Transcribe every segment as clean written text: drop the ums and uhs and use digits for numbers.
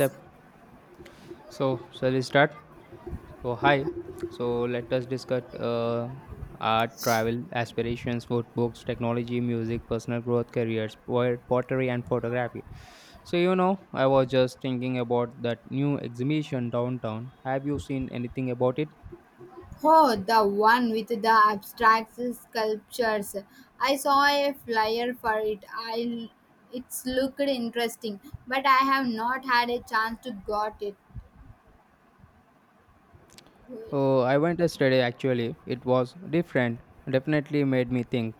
Yep. So shall we start? So hi. So let us discuss our travel aspirations, food, books, technology, music, personal growth, careers, pottery, and photography. So you know, I was just thinking about that new exhibition downtown. Have you seen anything about it? Oh, the one with the abstract sculptures. I saw a flyer for it. I it's looked interesting, but I have not had a chance to got it. Oh, I went yesterday. Actually, it was different. Definitely made me think.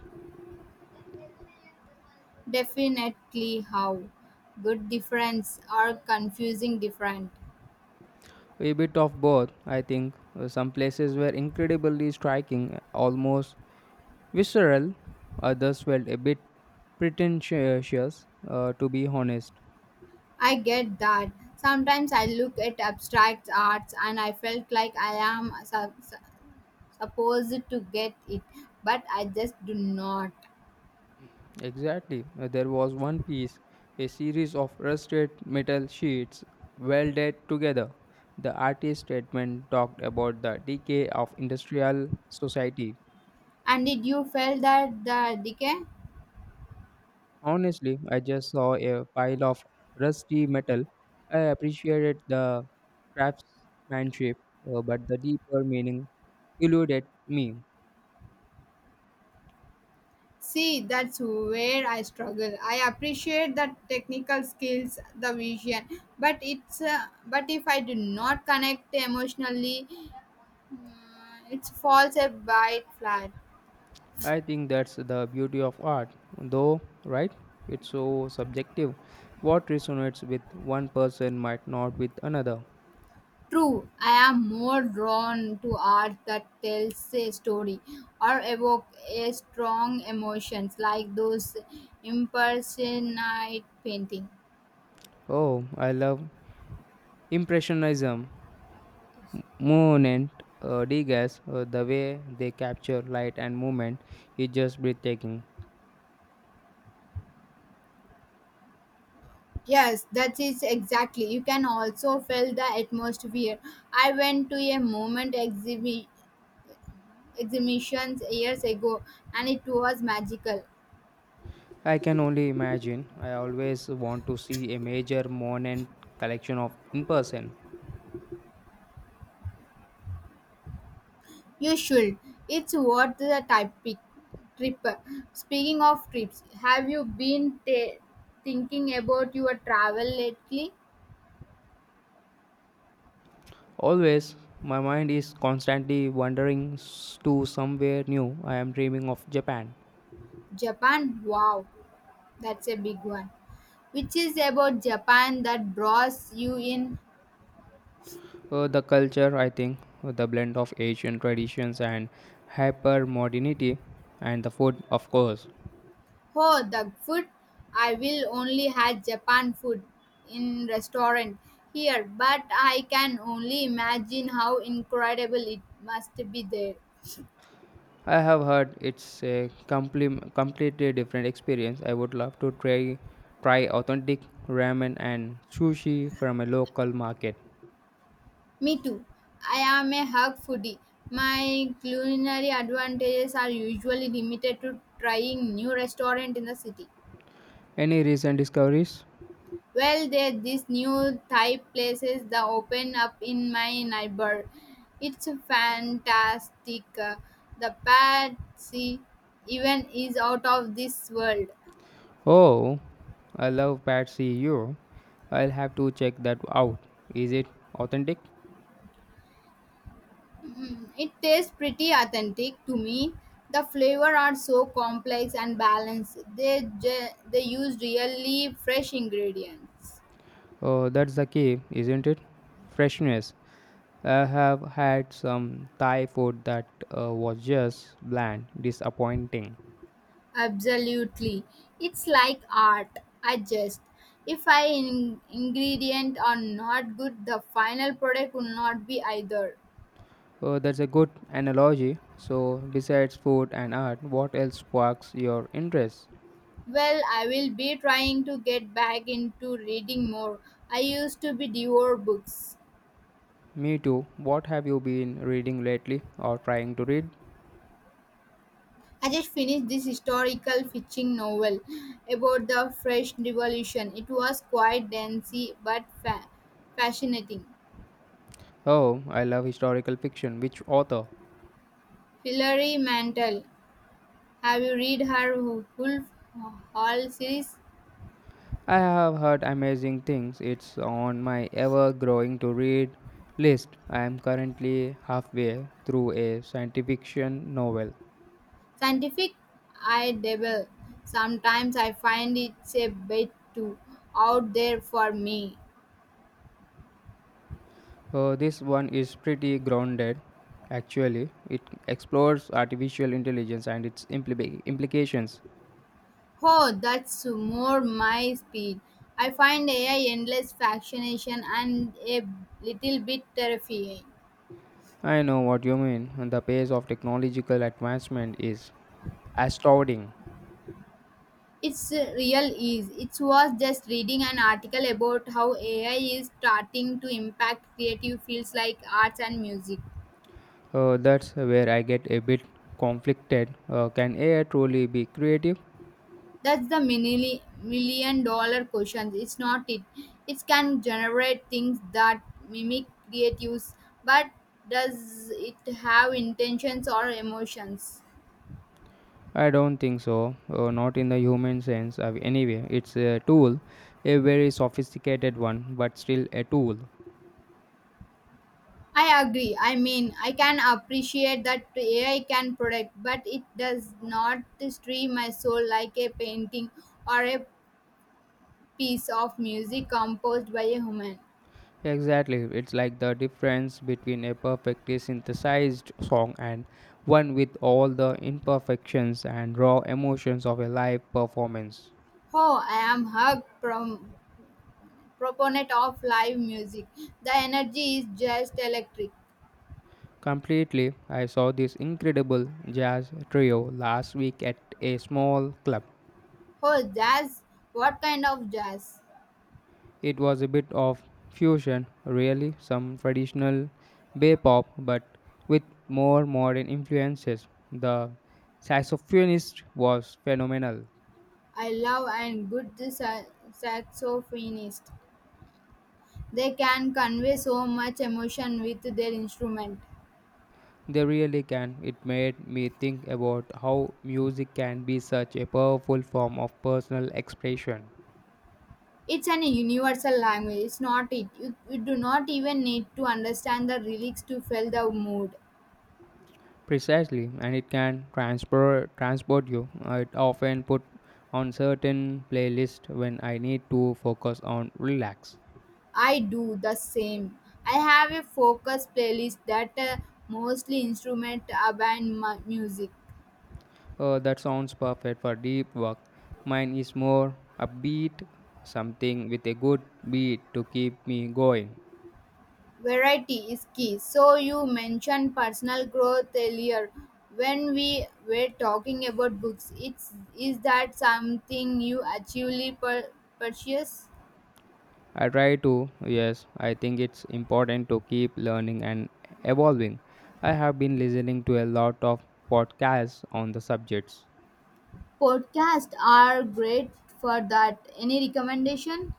Definitely how good difference or confusing different. A bit of both, I think. Some places were incredibly striking, almost visceral, others felt a bit pretentious, to be honest. I get that. Sometimes I look at abstract arts and I felt like I am supposed to get it, but I just do not. Exactly. There was one piece, a series of rusted metal sheets welded together. The artist's statement talked about the decay of industrial society. And did you feel that the decay? Honestly, I just saw a pile of rusty metal. I appreciated the craftsmanship, but the deeper meaning eluded me. See, that's where I struggle. I appreciate the technical skills, the vision, but if I do not connect emotionally, it falls a bit flat. I think that's the beauty of art, though, right? It's so subjective. What resonates with one person might not with another. True, I am more drawn to art that tells a story or evoke a strong emotions like those impersonate painting. Oh, I love Impressionism, Monet, Degas, the way they capture light and movement is just breathtaking. Yes, that is exactly. You can also feel the atmosphere. I went to a movement exhibitions years ago and it was magical. I can only imagine. I always want to see a major Monet collection of in person. You should. It's worth the trip. Speaking of trips, have you been ta thinking about your travel lately? Always, my mind is constantly wandering to somewhere new. I am dreaming of Japan. Japan? Wow, that's a big one. Which is about Japan that draws you in? The culture, I think, the blend of Asian traditions and hyper modernity, and the food, of course. Oh, the food! I will only had Japan food in restaurant here, but I can only imagine how incredible it must be there. I have heard it's a completely different experience. I would love to try authentic ramen and sushi from a local market. Me too. I am a hug foodie. My culinary advantages are usually limited to trying new restaurant in the city. Any recent discoveries? Well, there this new Thai places that open up in my neighbor. It's fantastic. The pad see even is out of this world. Oh, I love Pad See You. I'll have to check that out. Is it authentic? Mm, it tastes pretty authentic to me. The flavor are so complex and balanced. They use really fresh ingredients. Oh, that's the key, isn't it? Freshness. I have had some Thai food that was just bland, disappointing. Absolutely. It's like art. I just if I ingredient are not good, the final product will not be either. That's a good analogy. So, besides food and art, what else sparks your interest? Well, I will be trying to get back into reading more. I used to be devour books. Me too. What have you been reading lately or trying to read? I just finished this historical fiction novel about the French Revolution. It was quite dense but fascinating. Oh, I love historical fiction. Which author? Hilary Mantel. Have you read her Wolf Hall series? I have heard amazing things. It's on my ever growing to read list. I am currently halfway through a science fiction novel. Scientific, I dabble sometimes. I find it's a bit too out there for me. This one is pretty grounded, actually. It explores artificial intelligence and its implications. Oh, that's more my speed. I find AI endless fascination and a little bit terrifying. I know what you mean. The pace of technological advancement is astounding. It's uh, real ease it was just reading an article about how AI is starting to impact creative fields like arts and music. That's where I get a bit conflicted. Can AI truly be creative? That's the $1 million question. It's not it. It can generate things that mimic creatives, but does it have intentions or emotions? I don't think so. Not in the human sense. Anyway, it's a tool, a very sophisticated one, but still a tool. I agree. I mean, I can appreciate that AI can predict, but it does not stream my soul like a painting or a piece of music composed by a human. Exactly. It's like the difference between a perfectly synthesized song and one with all the imperfections and raw emotions of a live performance. Oh, I am a proponent of live music. The energy is just electric. Completely, I saw this incredible jazz trio last week at a small club. Oh, jazz! What kind of jazz? It was a bit of fusion, really, some traditional bay pop, but with more modern influences. The saxophonist was phenomenal. I love and good saxophonist. They can convey so much emotion with their instrument. They really can. It made me think about how music can be such a powerful form of personal expression. It's an universal language. It's not it. You do not even need to understand the lyrics to feel the mood. Precisely, and it can transport you. I often put on certain playlist when I need to focus on relax. I do the same. I have a focus playlist that mostly instrument band music. That sounds perfect for deep work. Mine is more upbeat, something with a good beat to keep me going. Variety is key. So you mentioned personal growth earlier when we were talking about books. It's is that something you actually per purchase? I try to, yes, I think it's important to keep learning and evolving. I have been listening to a lot of podcasts on the subjects. Podcasts are great for that. Any recommendation?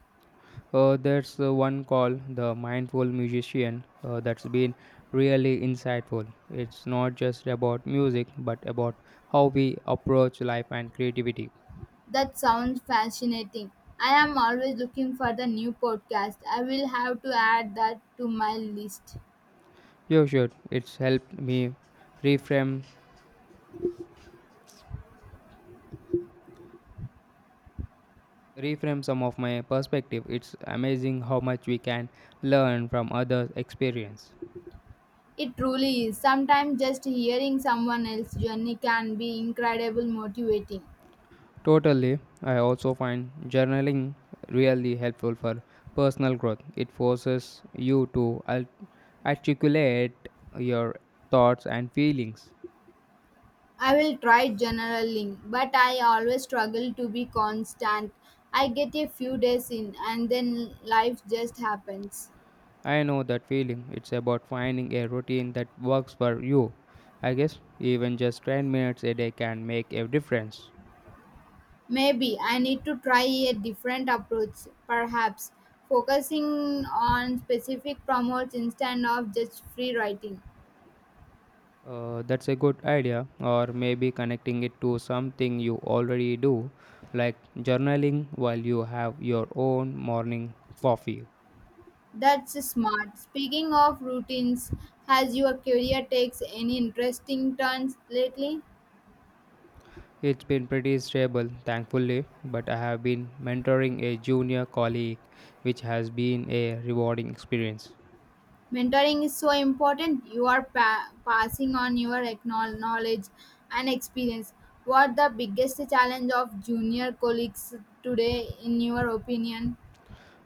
There's one called The Mindful Musician that's been really insightful. It's not just about music but about how we approach life and creativity. That sounds fascinating. I am always looking for the new podcast. I will have to add that to my list. You should. It's helped me reframe reframe some of my perspective. It's amazing how much we can learn from others' experience. It truly is. Sometimes just hearing someone else's journey can be incredibly motivating. Totally. I also find journaling really helpful for personal growth. It forces you to articulate your thoughts and feelings. I will try journaling, but I always struggle to be constant. I get a few days in and then life just happens. I know that feeling. It's about finding a routine that works for you. I guess even just 10 minutes a day can make a difference. Maybe I need to try a different approach, perhaps focusing on specific promotes instead of just free writing. That's a good idea, or maybe connecting it to something you already do, like journaling while you have your own morning coffee. That's smart. Speaking of routines, has your career takes any interesting turns lately? It's been pretty stable, thankfully, but I have been mentoring a junior colleague, which has been a rewarding experience. Mentoring is so important. You are passing on your knowledge and experience. What the biggest challenge of junior colleagues today in your opinion?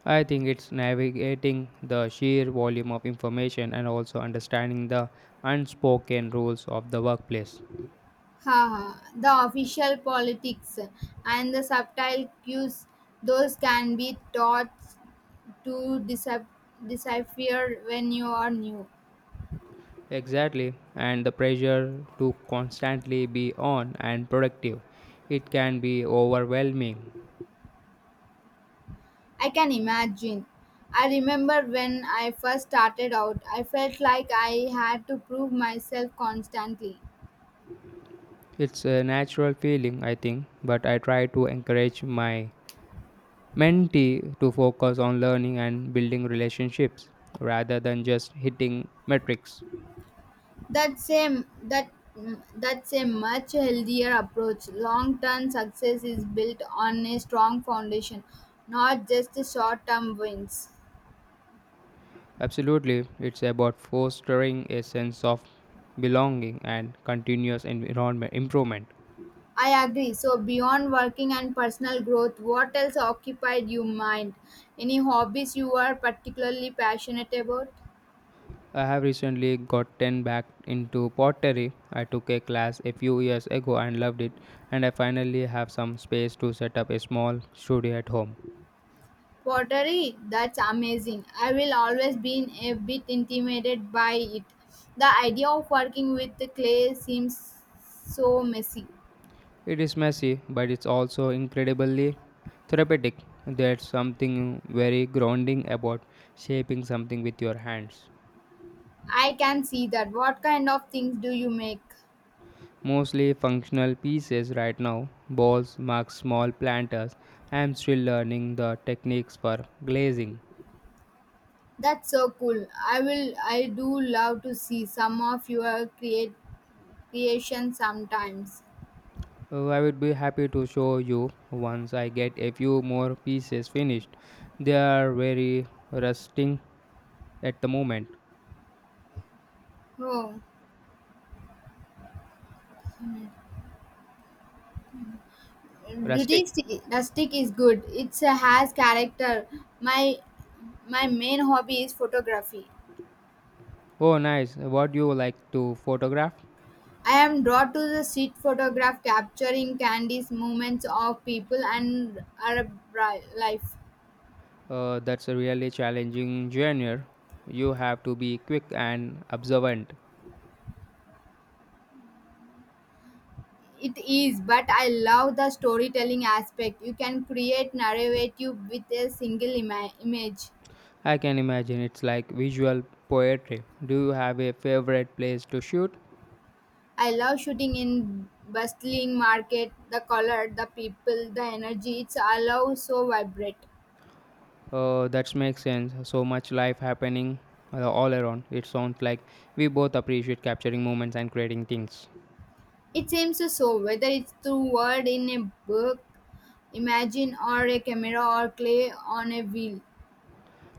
I think it's navigating the sheer volume of information and also understanding the unspoken rules of the workplace. Haha, the official politics and the subtle cues, those can be taught to decipher when you are new. Exactly, and the pressure to constantly be on and productive. It can be overwhelming. I can imagine. I remember when I first started out, I felt like I had to prove myself constantly. It's a natural feeling, I think, but I try to encourage my mentee to focus on learning and building relationships rather than just hitting metrics. That's a that that's a much healthier approach. Long-term success is built on a strong foundation, not just short-term wins. Absolutely, it's about fostering a sense of belonging and continuous environment improvement. I agree. So beyond working and personal growth, what else occupied your mind? Any hobbies you are particularly passionate about? I have recently gotten back into pottery. I took a class a few years ago and loved it, and I finally have some space to set up a small studio at home. Pottery, that's amazing. I will always been a bit intimidated by it. The idea of working with the clay seems so messy. It is messy, but it's also incredibly therapeutic. There's something very grounding about shaping something with your hands. I can see that. What kind of things do you make? Mostly functional pieces right now balls, mugs, small planters. I'm still learning the techniques for glazing. That's so cool. I do love to see some of your create creation sometimes. I would be happy to show you once I get a few more pieces finished. They are very rusting at the moment. Oh, Rustic. rustic, rustic is good. It has character. My my main hobby is photography. Oh, nice. What do you like to photograph? I am drawn to the street photograph capturing candies, movements of people and Arab life. That's a really challenging genre. You have to be quick and observant. It is, but I love the storytelling aspect. You can create narrative with a single image. I can imagine it's like visual poetry. Do you have a favorite place to shoot? I love shooting in bustling market, the color, the people, the energy. It's all so vibrant. That makes sense. So much life happening all around. It sounds like we both appreciate capturing moments and creating things. It seems so whether it's through word in a book, imagine, or a camera or clay on a wheel.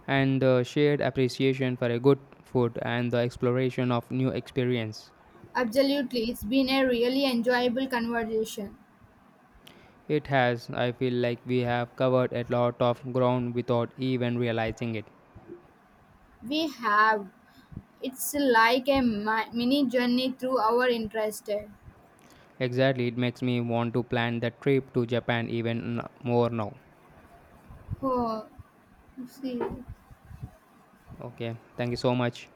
And the shared appreciation for a good food and the exploration of new experience. Absolutely, it's been a really enjoyable conversation. It has, I feel like we have covered a lot of ground without even realizing it. We have. It's like a mini journey through our interest. Exactly, it makes me want to plan the trip to Japan even more now. Hvad? Så? Okay, thank you so much.